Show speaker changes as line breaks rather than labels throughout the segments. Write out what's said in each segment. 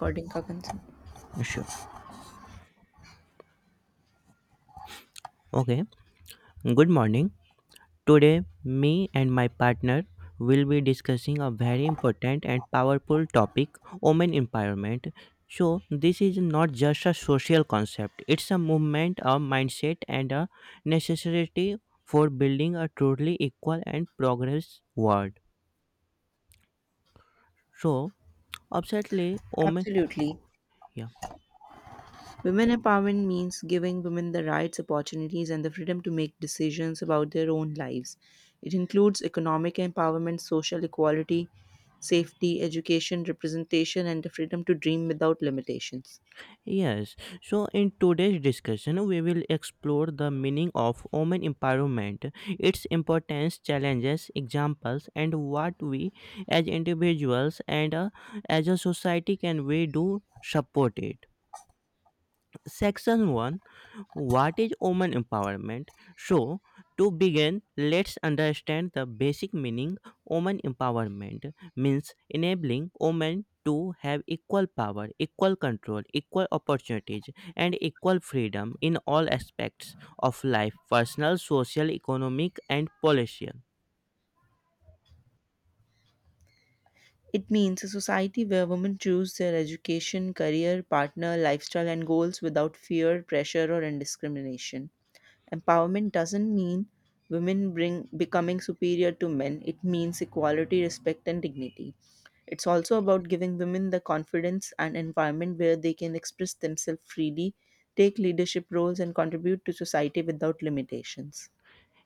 According Parkinson.
Sure. Okay. Good morning. Today, me and my partner will be discussing a very important and powerful topic, women empowerment. So this is not just a social concept, it's a movement, a mindset, and a necessity for building a truly equal and progress world. So, absolutely, women.
Absolutely.
Yeah.
Women empowerment means giving women the rights, opportunities, and the freedom to make decisions about their own lives. It includes economic empowerment, social equality, safety, education, representation, and the freedom to dream without limitations.
Yes, so in today's discussion, we will explore the meaning of women empowerment, its importance, challenges, examples, and what we as individuals and as a society can we do support it. Section 1, what is woman empowerment? So, to begin, let's understand the basic meaning. Woman empowerment means enabling women to have equal power, equal control, equal opportunities, and equal freedom in all aspects of life: personal, social, economic, and political.
It means a society where women choose their education, career, partner, lifestyle, and goals without fear, pressure, or indiscrimination. Empowerment doesn't mean women bring becoming superior to men. It means equality, respect, and dignity. It's also about giving women the confidence and environment where they can express themselves freely, take leadership roles, and contribute to society without limitations.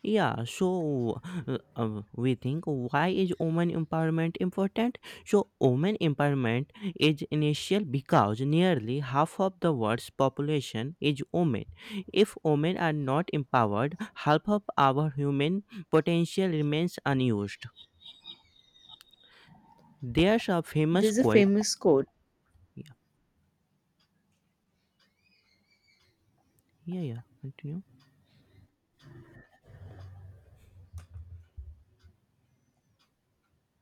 Yeah, so we think, why is women empowerment important? So women empowerment is initial because nearly half of the world's population is women. If women are not empowered, half of our human potential remains unused. There's a famous
There's a
quote.
famous quote.
Yeah, yeah, yeah. Continue.